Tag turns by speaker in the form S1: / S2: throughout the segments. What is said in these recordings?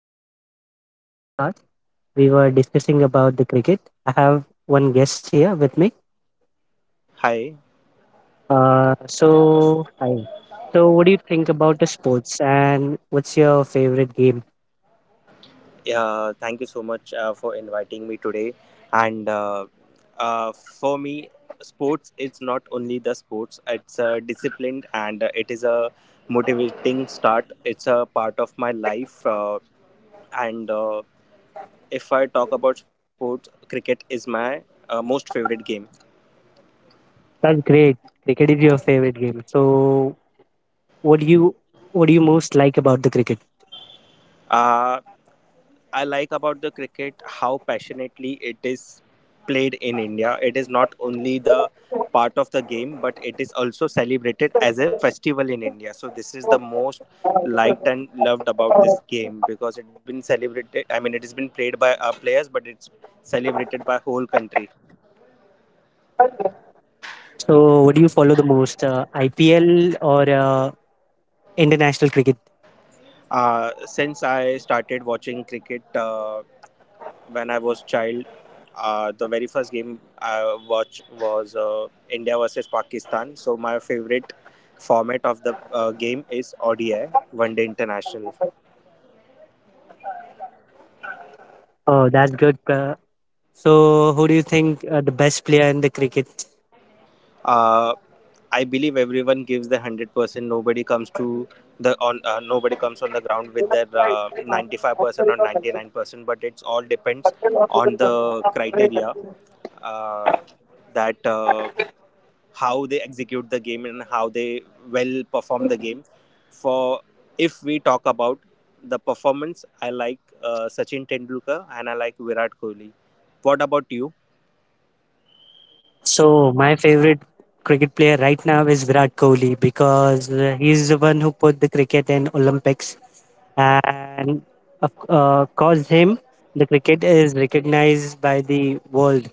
S1: Hello.
S2: Welcome to our podcast. We were discussing about the cricket. I have one guest here with me.
S1: Hi.
S2: So hi. So what do you think about the sports and what's your favorite game?
S1: Thank you so much for inviting me today. And uh, uh, for me, Sports is not only the sports, it's a discipline and it is a motivating start. It's a part of my life. And If I talk about sports, cricket is my most favorite game.
S2: That's great. Cricket is your favorite game. So what do you what do you most like about the cricket?
S1: Uh, I like about the cricket how passionately it is played in India. It is not only the part of the game, but it is also celebrated as a festival in India. So this is the most liked and loved about this game because it has been celebrated. I mean, it has been played by our players, but it's celebrated by whole country.
S2: So what do you follow the most? IPL or international cricket?
S1: Since I started watching cricket. When I was child. The very first game I watched was India versus Pakistan. So my favorite format of the game is ODI, One Day International.
S2: Oh, that's good. So, who do you think the best player in the cricket?
S1: Uh, I believe everyone gives the 100%. Nobody comes to the on nobody comes on the ground with their 95% or 99%. But it's all depends on the criteria uh, that. How they execute the game and how they well perform the game. For If we talk about the performance, I like Sachin Tendulkar and I like Virat Kohli. What about you?
S2: So, my favorite cricket player right now is Virat Kohli because he's the one who put the cricket in Olympics, and of cause him, the cricket is recognized by the world.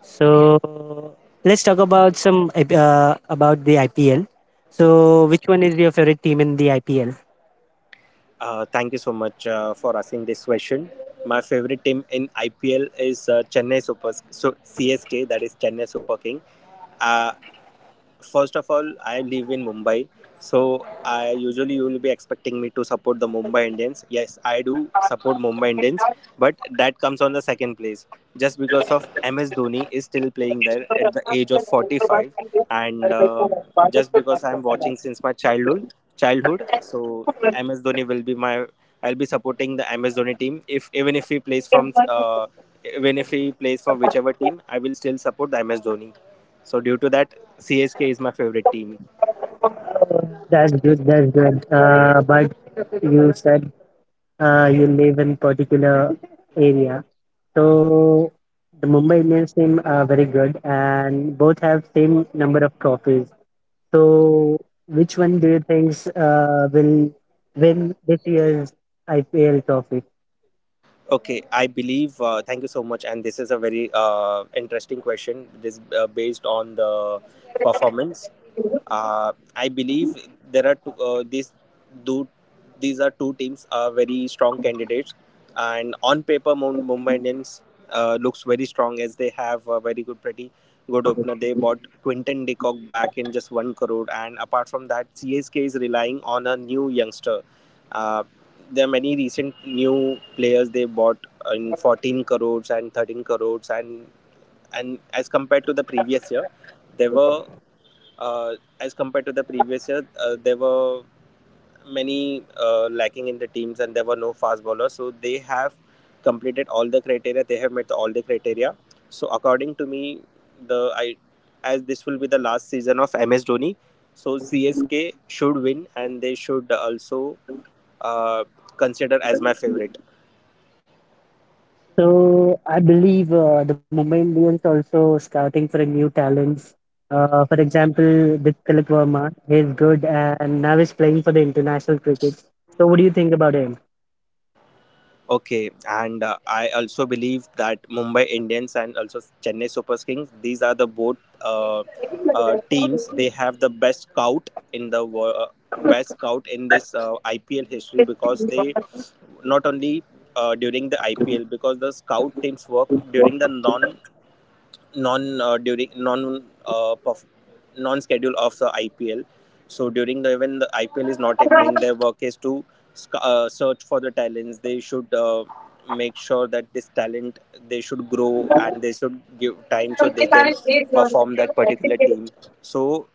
S2: So, let's talk about some about the IPL. So, which one is your favorite team in the IPL?
S1: Thank you so much for asking this question. My favorite team in IPL is Chennai Super so CSK, that is Chennai Super King. Uh, First of all, I live in Mumbai, so I usually you will be expecting me to support the Mumbai Indians. Yes, I do support Mumbai Indians, but that comes on the second place just because of MS Dhoni is still playing there at the age of 45, and just because I'm watching since my childhood, so MS Dhoni will be my I'll be supporting the MS Dhoni team if even if he plays from even if he plays for whichever team, I will still support the MS Dhoni. So due to that, CSK is my favorite team.
S2: Oh, that's good. That's good. But you said you live in particular area. So the Mumbai Indians team are very good, and both have same number of trophies. So which one do you think will win this year's IPL trophy?
S1: Okay, I believe. Thank you so much. And this is a very interesting question. This based on the performance. I believe there are two, these do these are two teams are very strong candidates, and on paper Mumbai Indians looks very strong as they have a very good, pretty good opener. They bought Quinton de Kock back in just one crore, and apart from that, CSK is relying on a new youngster. Uh, there are many recent new players they bought in 14 crores and 13 crores and as compared to the previous year, there were uh, as compared to the previous year, there were many lacking in the teams and there were no fast bowlers. So they have completed all the criteria. They have met all the criteria. So according to me, the I as this will be the last season of MS Dhoni, so CSK should win and they should also uh, consider as my favorite.
S2: So I believe the Mumbai Indians also scouting for a new talents. For example, the Tilak Verma, he's good and now he's playing for the international cricket. So what do you think about him?
S1: Okay, and I also believe that Mumbai Indians and also Chennai Super Kings, these are the both teams. They have the best scout in the best scout in this IPL history because they not only during the IPL because the scout teams work during the non non during non non schedule of the IPL. So during the when the IPL is not happening, their work is to search for the talents. They should make sure that this talent they should grow and they should give time so they can perform that particular team. So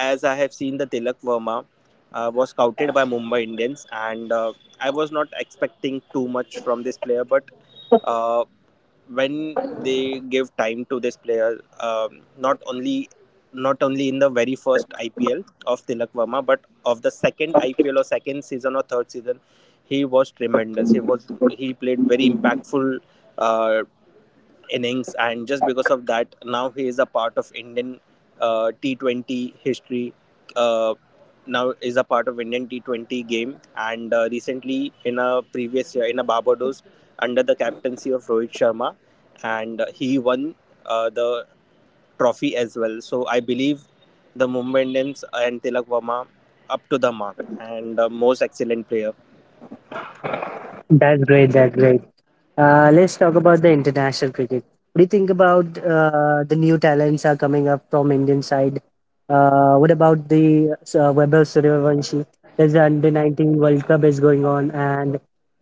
S1: as I have seen, the Tilak Verma was scouted by Mumbai Indians, and I was not expecting too much from this player, but. Uh, when they give time to this player, not only in the very first IPL of Tilak Verma, but of the second IPL or second season or third season, he was tremendous. He played very impactful uh, innings, and just because of that, now he is a part of Indian T20 history. Uh, Now is a part of Indian T20 game, and recently in a previous year in a Barbados under the captaincy of Rohit Sharma, and he won the trophy as well. So I believe the Mumbai Indians and Tilak Verma up to the mark and most excellent player.
S2: That's great. That's great. Let's talk about the international cricket. What do you think about the new talents are coming up from Indian side? What about the Webber Suryavanshi? There's the Under 19 World Cup is going on, and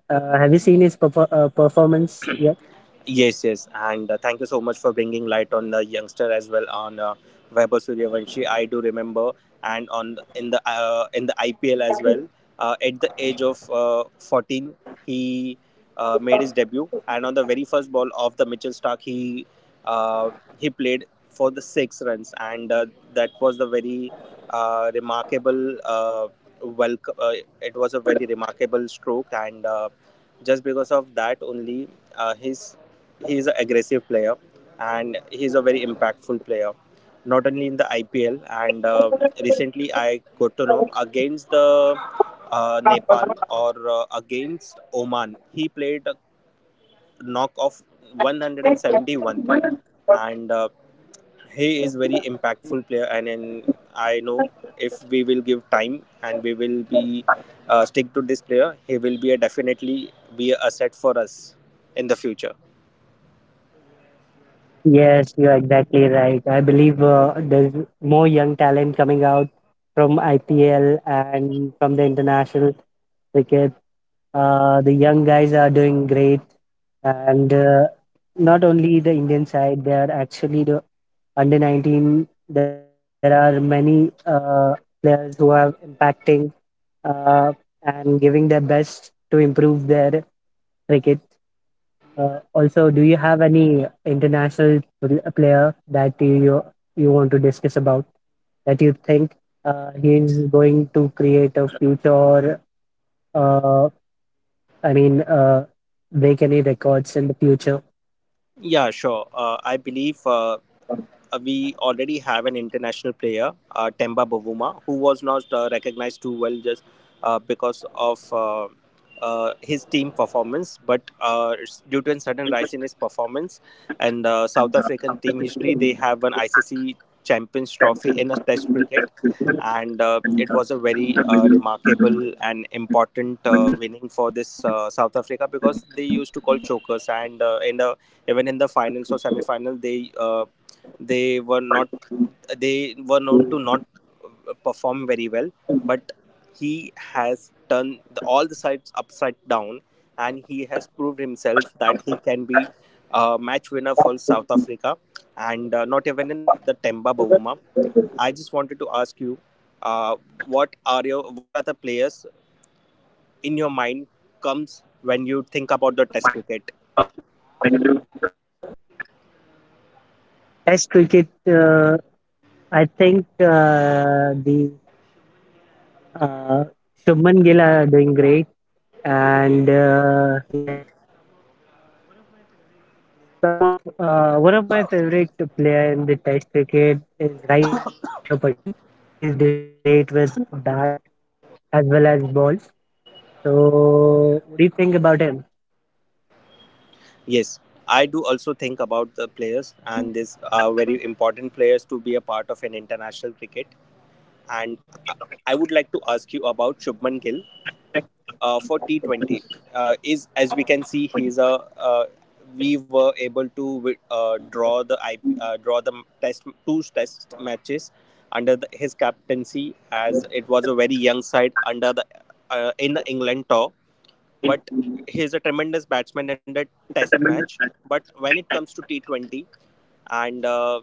S2: have you seen his performance yet?
S1: Yes, yes, and thank you so much for bringing light on the youngster as well on Vaibhav Suryavanshi. I do remember, and on in the IPL as well. At the age of 14, he made his debut, and on the very first ball of the Mitchell Stark, uh, he played for the six runs, and that was the very remarkable. Welcome. It was a very remarkable stroke, and. Just because of that only, uh, he's he is an aggressive player and he is a very impactful player. Not only in the IPL and recently I got to know against the Nepal or against Oman, he played a knock of 171 and he is very impactful player and I know if we will give time and we will be stick to this player he will be a definitely be a asset for us in the future.
S2: Yes, you're exactly right. I believe there's more young talent coming out from IPL and from the international cricket. The young guys are doing great, and not only the Indian side, they are actually the under 19. There are many players who are impacting uh, and giving their best to improve their cricket. Also, do you have any international player that you want to discuss about that you think he is going to create a future? Uh, I mean, break any records in the future?
S1: Yeah, sure, I believe we already have an international player, Temba Bavuma, who was not recognized too well just because of his team performance, but it's due to a sudden rise in his performance and South African team history, they have an ICC Champions Trophy in a Test cricket, and it was a very remarkable and important winning for this South Africa because they used to call chokers, and in the even in the finals or semi final, they were not they were known to not perform very well, but he has turned the, all the sides upside down, and he has proved himself that he can be a match winner for South Africa, and not even in the Temba Bavuma. I just wanted to ask you, uh, what are the players in your mind comes when you think about the Test cricket?
S2: Test cricket, uh, I think the uh, Shubman Gill are doing great, and he Some of one of my favorite player in the Test cricket is right now is Akshay Patel. He is doing great with bat as well as ball. So what do you think about him?
S1: Yes, I do also think about the players, and these are very important players to be a part of an international cricket. And I I would like to ask you about Shubman Gill for T 20. Is As we can see, he's a uh, we were able to draw the test two test matches under the, his captaincy, as it was a very young side under the in the England tour, but he's a tremendous batsman in the test match. But when it comes to T20, and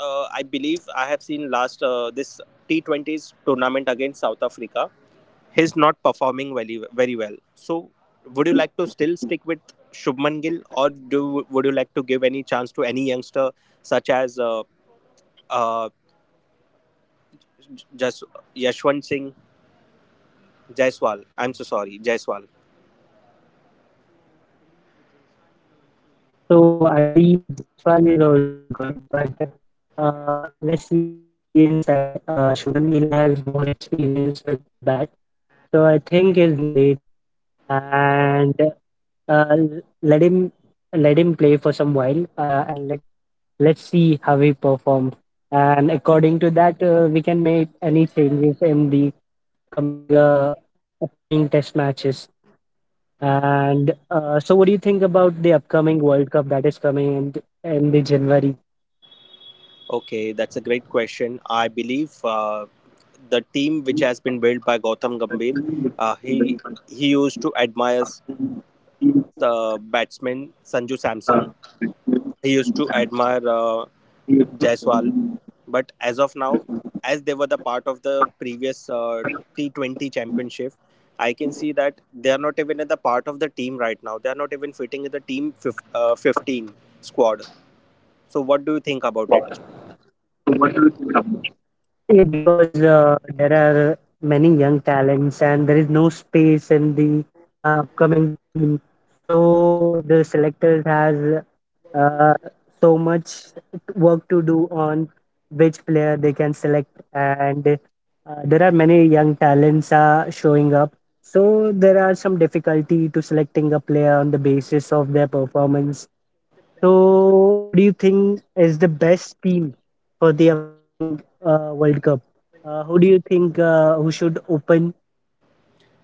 S1: I believe I have seen last this T20s tournament against South Africa, he's not performing very very well. So, would you like to still stick with Shubman Gill, or do would you like to give any chance to any youngster such as uh, just Yashwant Singh Jaiswal? I'm so sorry, Jaiswal.
S2: So I believe Jaiswal is also good, but uh, let's see the experience side. Shubman Gill has more experience with the bat, so I think he's doing great. And uh, let him let him play for some while and let's see how he performs. And according to that, we can make any changes in the upcoming uh, upcoming test matches. And so, what do you think about the upcoming World Cup that is coming in the January?
S1: Okay, that's a great question. I believe the team which has been built by Gautam Gambhir, uh, he he used to admire batsman Sanju Samson. He used to admire Jaiswal, but as of now, as they were the part of the previous T20 championship, I can see that they are not even in the part of the team right now. They are not even fitting in the team 15 squad. So, what do you think about it?
S2: Yeah, because there are many young talents and there is no space in the upcoming team. So the selectors has uh, so much work to do on which player they can select, and there are many young talents are showing up, so there are some difficulty to selecting a player on the basis of their performance. So what do you think is the best team for the upcoming world cup? Who do you think who should open?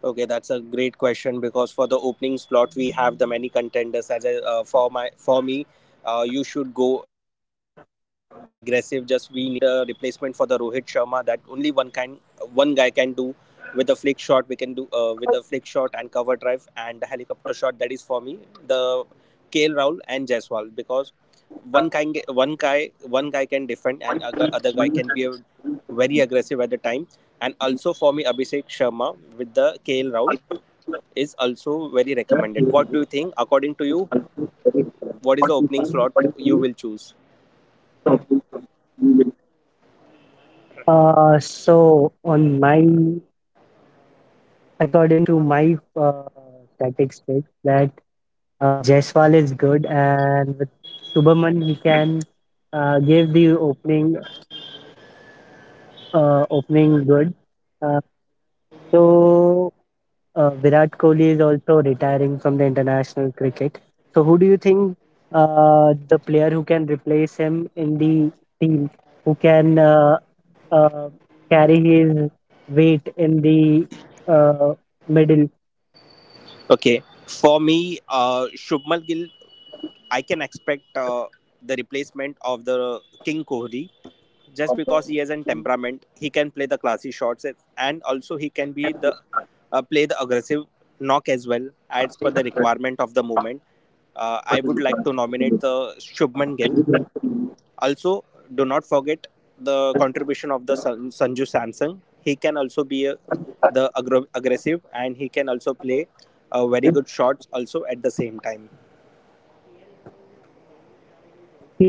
S1: Okay, that's a great question because for the opening slot we have the many contenders. As a, for my For me, you should go aggressive. Just we need a replacement for the Rohit Sharma that only one guy can do with a flick shot. We can do with a flick shot and cover drive and helicopter shot. That is for me the KL Rahul and Jaiswal because one guy, one guy can defend and other guy can be very aggressive at the time, and also for me Abhishek Sharma with the KL round is also very recommended. What do you think, according to you, what is the opening slot you will choose?
S2: Uh, so on my, according to my statistics, that Jaiswal is good, and with Subhaman he can give the opening opening good. Uh, so Virat Kohli is also retiring from the international cricket. So who do you think the player who can replace him in the team, who can uh, carry his weight in the uh, middle?
S1: Okay, for me, Shubmal Gill, I can expect uh, the replacement of the King Kohli just because he has a temperament, he can play the classy shots also he can be the play the aggressive knock as well as per the requirement of the moment. I would like to nominate the Shubman Gill. Also, do not forget the contribution of the Sanju Samson. He can also the aggressive, and he can also play very good shots also at the same time.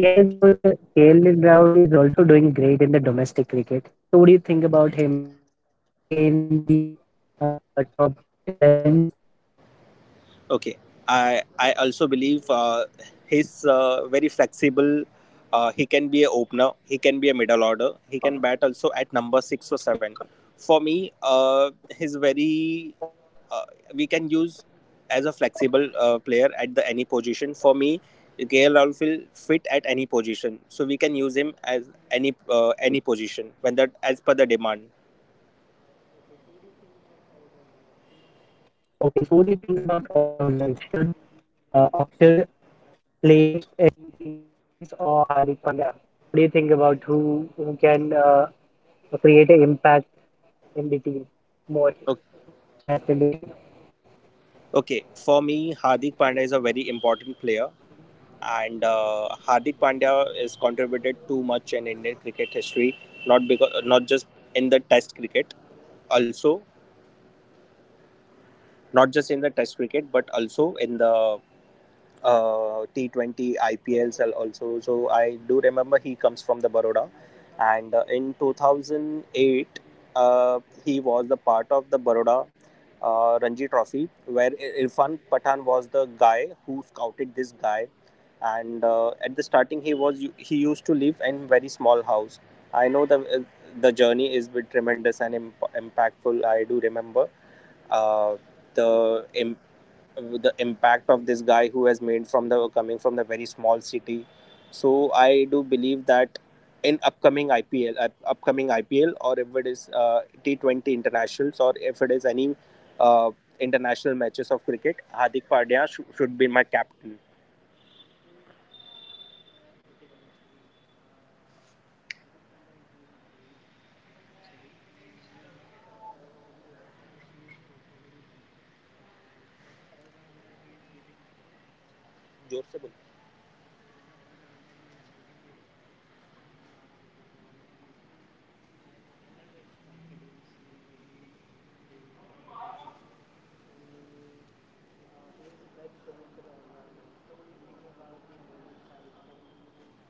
S2: KL Rahul, KL Rahul is also doing great in the domestic cricket. So, what do you think about him? Should he play in the uh, top 11s?
S1: Okay, I also believe he's very flexible. He can be a opener. He can be a middle order. He can bat also at number six or seven. For me, he's very. Uh, we can use as a flexible player at the any position. For me, KL Rahul will fit at any position, so we can use him as any position when that as per the demand.
S2: Okay, so what do you think about all rounders? Should Aksar
S1: Okay, okay, for me, Hardik Pandya is a very important player, and Hardik Pandya is contributed too much in Indian cricket history. Not because not just in the Test cricket, also not just in the Test cricket, but also in the T20 IPLs also. So I do remember he comes from the Baroda, and in 2008 he was the part of the Baroda Ranji Trophy, where Irfan Pathan was the guy who scouted this guy, and at the starting he used to live in very small house. I know the journey is bit tremendous and impactful. I do remember. Uh, the impact of this guy who has made from the coming from the very small city. So I do believe that in upcoming IPL, upcoming IPL, or if it is T20 internationals, or if it is any uh, international matches of cricket, Hardik Pandya should be my captain.
S2: Okay, that's great. Hardik Pandya is doing great, actually. He's, from the last match, he's performing well. And as an all-rounder, he is giving
S1: जोर से बोलो।
S2: his all with the ball and bat. I love his confidence whenever he play in the cricket. So he is the best choice for the all-rounder. So, what do you think about the bowling side from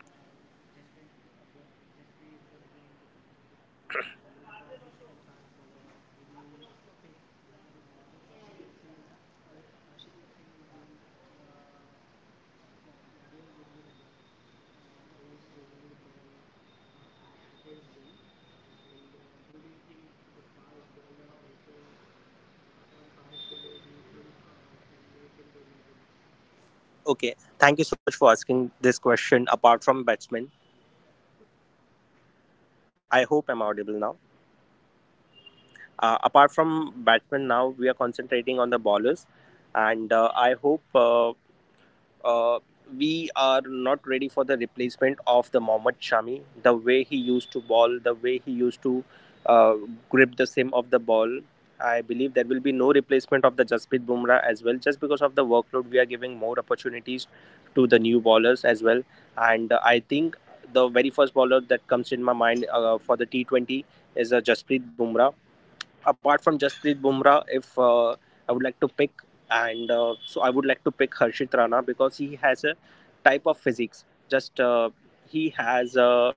S2: Uh, Jasprit is gonna be in the team. And what about the second fast bowler? Who do you pick? Arshdeep Singh. Arshdeep Singh is doing uh, doing good with the ball. He is swinging the ball at his will. And who do you think the fast bowler also? One fast bowler. Who do you think can make in the elevens?
S1: Okay, thank you so much for asking this question. Apart from batsmen, I hope I'm audible now. Apart from batsmen, now we are concentrating on the bowlers, and I hope uh, we are not ready for the replacement of the Mohammad Shami. The way he used to ball, the way he used to uh, grip the seam of the ball. I believe there will be no replacement of the Jasprit Bumrah as well, just because of the workload. We are giving more opportunities to the new bowlers as well, and I think the very first bowler that comes in my mind for the T 20 is a Jasprit Bumrah. Apart from Jasprit Bumrah, if I would like to pick, and so I would like to pick Harshit Rana because he has a type of physics. Just He has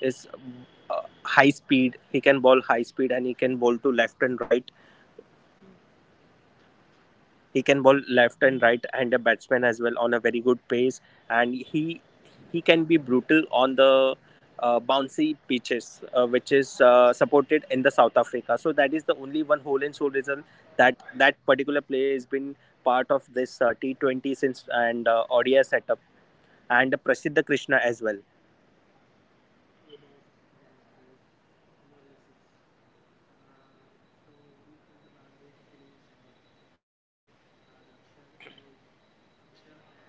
S1: is high speed. He can bowl high speed, and he can bowl to left and right. He can bowl left and right and a batsman as well on a very good pace, and he can be brutal on the bouncy pitches, which is supported in the South Africa. So that is the only one whole and sole reason that particular player has been part of this T20 since and ODI setup, and Prasiddha Krishna as well,
S2: So that's great analysis. Uh, so, what do you think about this spinning side? The Akshar is Akshar and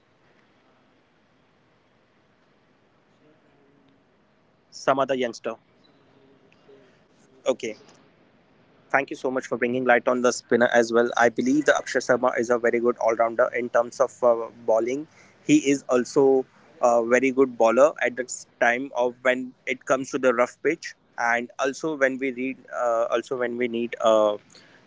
S2: uh, Akshar and
S1: some other youngster.
S2: some other youngsters you can
S1: Okay.
S2: think about.
S1: Thank you
S2: Uh,
S1: so much for bringing light on the spinner as well. I believe the Akshay Sharma is a very good all rounder in terms of bowling. He is also a very good bowler at the time of when it comes to the rough pitch, and also when we read, also when we need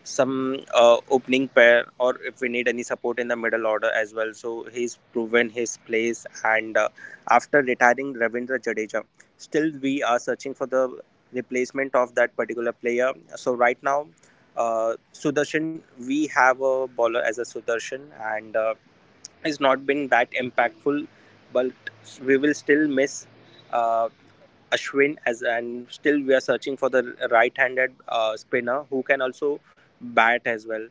S1: some opening pair, or if we need any support in the middle order as well. So he's proven his place, and after retiring Ravindra Jadeja, still we are searching for the replacement of that particular player. So right now, Sudarshan, we have a bowler as a Sudarshan, and has not been that impactful. But we will still miss uh, Ashwin as, and still we are searching for the right-handed spinner who can also bat as well.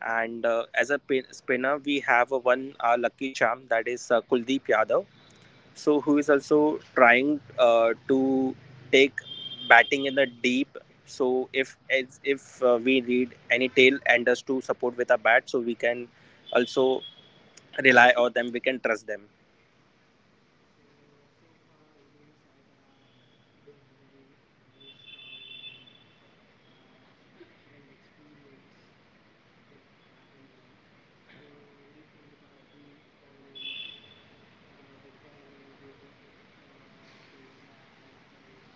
S1: And as a spinner, we have a one lucky charm, that is Kuldeep Yadav, so who is also trying to take batting in the deep. So if as if we need any tail enders to support with a bat, so we can also rely on them. We can trust them.
S2: so so far, Indian side are good, very strong and uh, well experienced with bat and ball. So, what do you think about the opponents who can give the India a run for his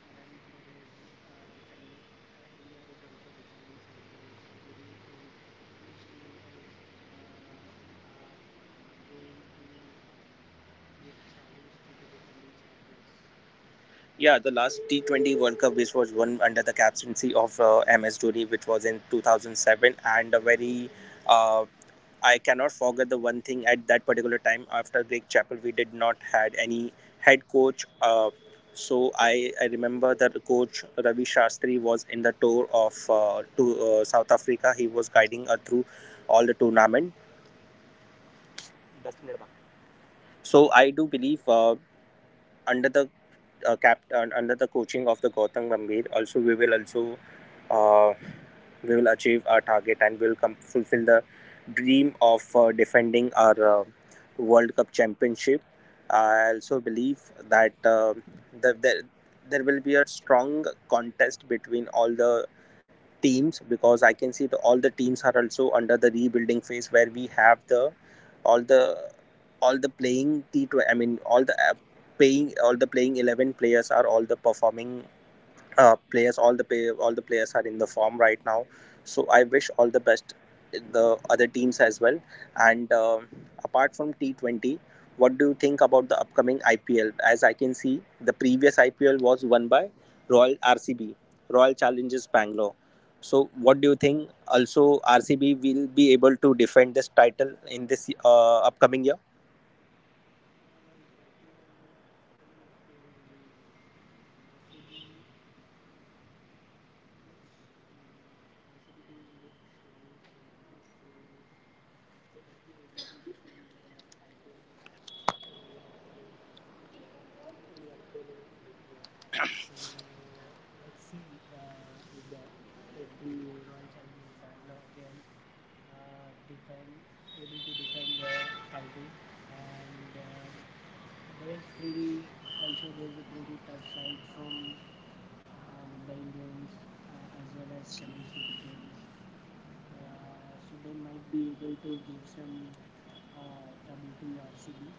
S2: defending. India is also defending champions. So, who do you think which team is uh, going to give challenge to the defending champions?
S1: Yeah, the last T20 World Cup, which was won under the captaincy of MS Dhoni, which was in 2007, and a very uh, I cannot forget the one thing at that particular time. After Greek Chapel, we did not had any head coach. So I remember that coach Ravi Shastri was in the tour of to South Africa. He was guiding us through all the tournament. So I do believe under the cap under the coaching of the Gautam Gambhir, also uh, we will achieve our target, and we will come fulfill the dream of defending our World Cup championship. I also believe that there, there will be a strong contest between all the teams, because I can see that all the teams are also under the rebuilding phase, where we have the all the all the playing T20, I mean all the paying all the playing 11 players, are all the performing players, all the all the players are in the form right now. So I wish all the best the other teams as well. And Apart from T20, what do you think about the upcoming IPL? As I can see, the previous IPL was won by royal RCB, Royal Challenges Bangalore. So what do you think, also RCB will be able to defend this title in this upcoming year?
S2: Uh, so, IPL in the IPL, the RCB looks RCB team looks strong right now. So they might be able to defend their title in the upcoming IPL. So let's see if the Royal Challengers Bangalore again defend able to defend their title, and there is a pretty tough side from Mumbai Indians as well as Chennai Super Kings. So they might be able to give some trouble to RCB.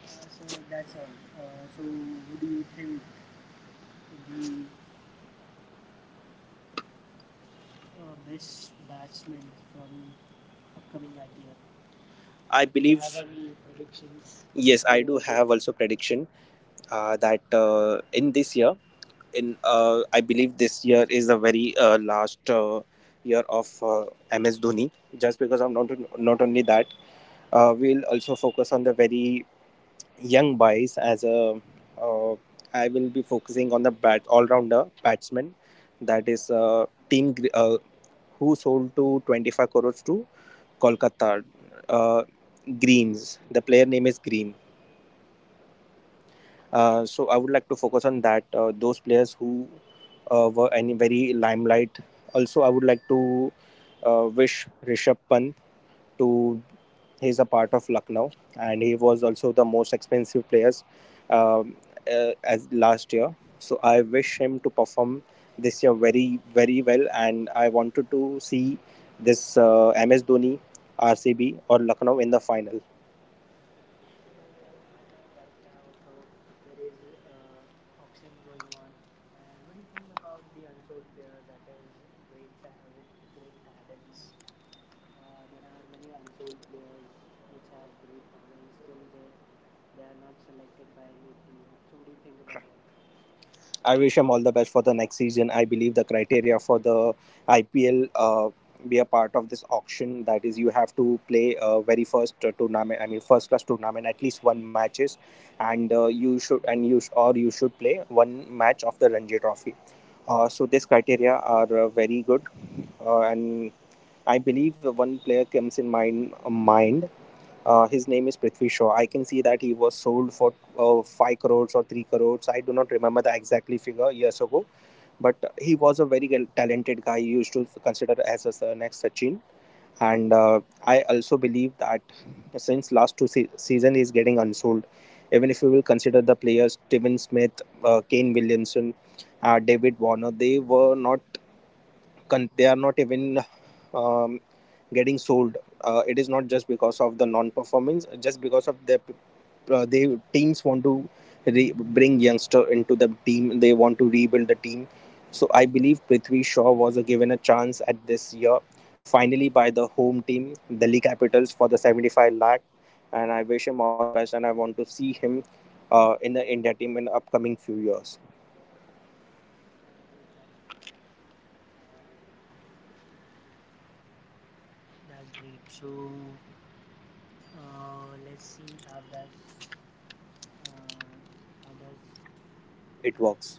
S2: So that's all. So, who do you think the best batsman from upcoming IPL.
S1: I
S2: Do you
S1: believe
S2: have any predictions
S1: yes,
S2: you
S1: I
S2: want
S1: do
S2: to give?
S1: have also prediction, that in this year, in I believe this year is the very last year of MS Dhoni. Just because I'm not only that, we'll also focus on the very young boys. As a. Uh, I will be focusing on the bat all rounder batsman, that is who sold to 25 crores to Kolkata uh, Greens. The player name is Green. So I would like to focus on that those players who were any very limelight. Also, I would like to wish Rishabh Pant to, he's a part of Lucknow, and he was also the most expensive players um, as last year. So I wish him to perform this year very very well, and I wanted to see this MS Dhoni, RCB, or Lucknow in the final.
S2: So as of right now, so there is auction going on. And what do you think about the unsold player that is great with great talents? There are many unsold players which have great talents. Still, they are not selected by any team. So what do you think about them?
S1: I wish him all the best for the next season. I believe the criteria for the IPL, be a part of this auction, that is, you have to play very first tournament. I mean, first class tournament at least one matches, and you should and you sh- or you should play one match of the Ranji Trophy. So these criteria are very good, and I believe one player comes in mind, his name is Prithvi Shaw. I can see that he was sold for 5 crores or 3 crores. I do not remember the exactly figure years ago, but he was a very talented guy. He used to consider as a next Sachin. And I also believe that since last two season he is getting unsold. Even if you will consider the players Steven Smith, Kane Williamson, David Warner, they were not con- they are not even um, getting sold. It is not just because of the non-performance, just because of the they teams want to bring youngster into the team. They want to rebuild the team. So I believe Prithvi Shaw was a given a chance at this year, finally by the home team, Delhi Capitals, for the 75 lakh. And I wish him all the best, and I want to see him in the India team in the upcoming few years.
S2: That's great. That's great. Uh, So Uh, let's see uh, how that
S1: It works.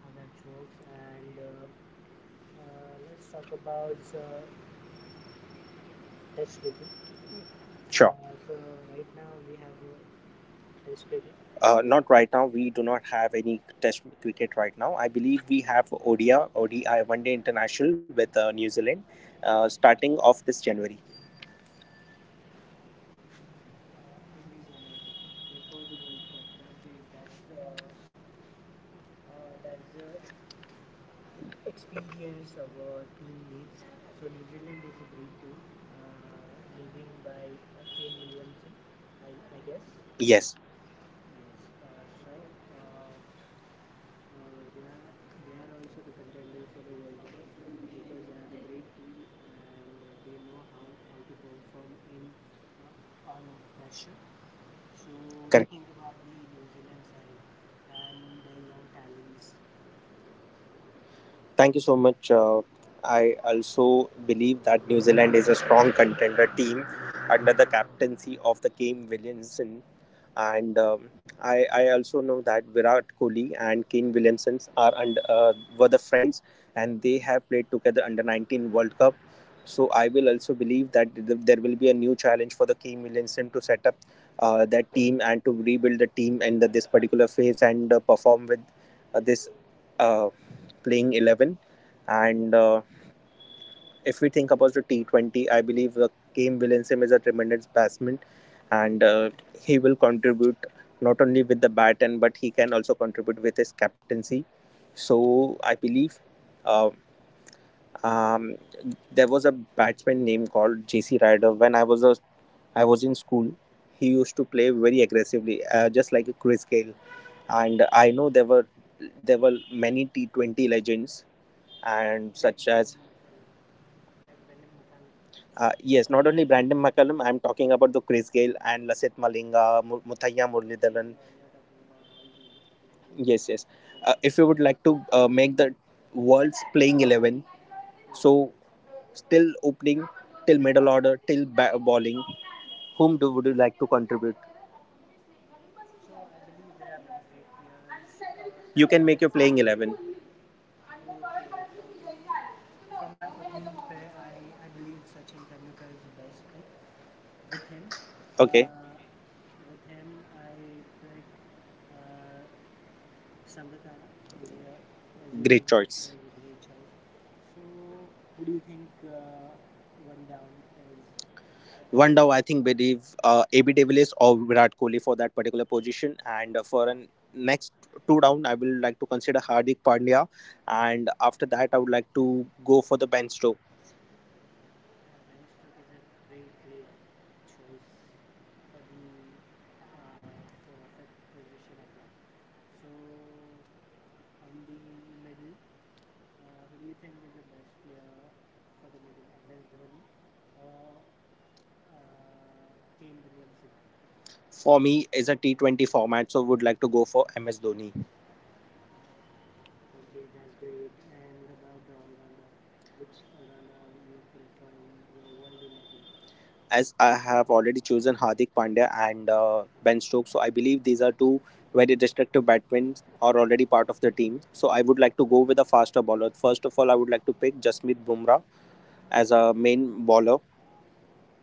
S2: how that works, and let's talk about test cricket.
S1: Sure.
S2: So right now we have test cricket
S1: Not right now. We do not have any test cricket right now. I believe we have ODI, ODI 1 Day International with New Zealand starting off
S2: uh,
S1: this January.
S2: in this January before the World Cup. That's great. That's the experience of our team mate. So New Zealand is a great team, leading by Kane Williamson, I guess.
S1: Yes,
S2: Yes. Uh, they are they are also the contender for the World Cup because they are the great team, and they know how to perform in uh, on pressure. So, what do you
S1: correct.
S2: think about the New Zealand side and the young talents
S1: Thank you so much. I also believe that New Zealand is a strong contender team under the captaincy of the Game Williamson. And I also know that Virat Kohli and Kane Williamson are were the friends, and they have played together under 19 World Cup. So I will also believe that there will be a new challenge for the Kane Williamson to set up that team, and to rebuild the team in this particular phase, and perform with this uh, playing 11. And if we think about the T20, I believe Kane Williamson is a tremendous batsman, and he will contribute not only with the bat and, but he can also contribute with his captaincy. So I believe uh, um, there was a batsman named called JC Ryder when I was in school. He used to play very aggressively, just like Chris Gayle. And I know there were many T 20 legends, and
S2: like
S1: such as
S2: Brendan McCallum? Like Brendan McCallum.
S1: Yes, not
S2: Also,
S1: only Brandon McCallum, I'm talking about the Chris Gale and Lasith Malinga, Muthaiya
S2: okay, you
S1: Muralidharan.
S2: are you are talking about all the legends
S1: Yes,
S2: from
S1: yes.
S2: cricket.
S1: If you would
S2: Side.
S1: like to make the world's playing 11,
S2: Team.
S1: so still opening, till middle order, till bowling, would you like to contribute?
S2: So I believe there are many great players,
S1: You can
S2: starting
S1: make
S2: with
S1: your playing 11.
S2: okay, then from my opening pair, I believe Sachin Tendulkar is the best pick with him.
S1: Okay.
S2: Uh, with him, I pick uh, Sangakkara is
S1: Great choice.
S2: is a great choice. So, who do you think one down is?
S1: One down, I think, believe AB de Villiers or Virat Kohli for that particular position. And for an next two down, I will like to consider Hardik Pandya. And after that, I would like to go for the bench stroke.
S2: Yeah, Ben Stokes is a great, great choice for the uh, for a fifth position, I guess. So on the middle, who do you think is the best player for the middle? MS Dhoni or uh, Kane Williamson?
S1: For me, is a T20 format, so would like to go for MS Dhoni.
S2: Okay, that's great. And what about the all-rounder? Which all-rounder you prefer in your World 11?
S1: As I have already chosen Hardik Pandya and Ben Stokes. So I believe these are two very destructive batsmen are already part of the team. So I would like to go with a faster bowler. First of all, I would like to pick Jasprit Bumrah as a main bowler.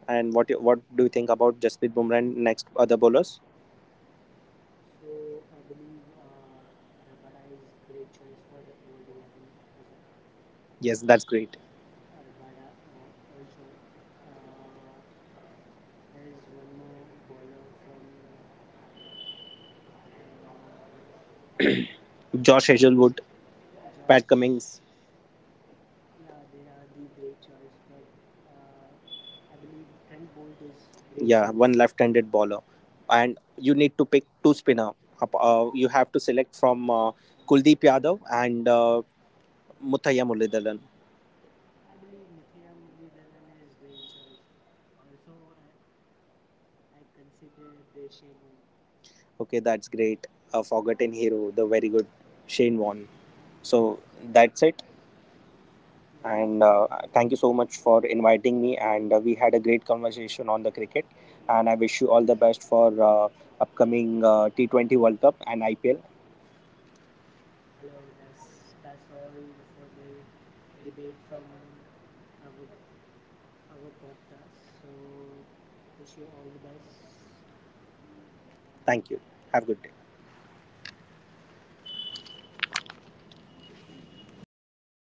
S1: And what do you think about Jasprit Bumrah and next other bowlers?
S2: So I believe Rabada is great choice for World 11 as well.
S1: Yes, that's great.
S2: Rabada also. Uh, there is one more bowler from uh,
S1: Josh
S2: I believe
S1: Hazelwood, Pat
S2: Josh.
S1: Cummings.
S2: Yeah, they are the great choice, but uh, I believe Trent Bolt is great
S1: Yeah,
S2: choice.
S1: one left-handed bowler, and you need to pick two spinner. You have to select from Kuldeep Yadav and Muthaiya Mullidhalan.
S2: I believe Mithya Muludharan is great choice. Also, I consider Deshaun one.
S1: Okay, that's great. A forgotten hero, the very good Shane Warne. So that's it.
S2: Yeah.
S1: And thank you so much for inviting me. And we had a great conversation on the cricket. And I wish you all the best for upcoming T20 World Cup and IPL.
S2: Hello, that's all for the debate from our our podcast. So wish you all the best.
S1: Thank you. Have a good day.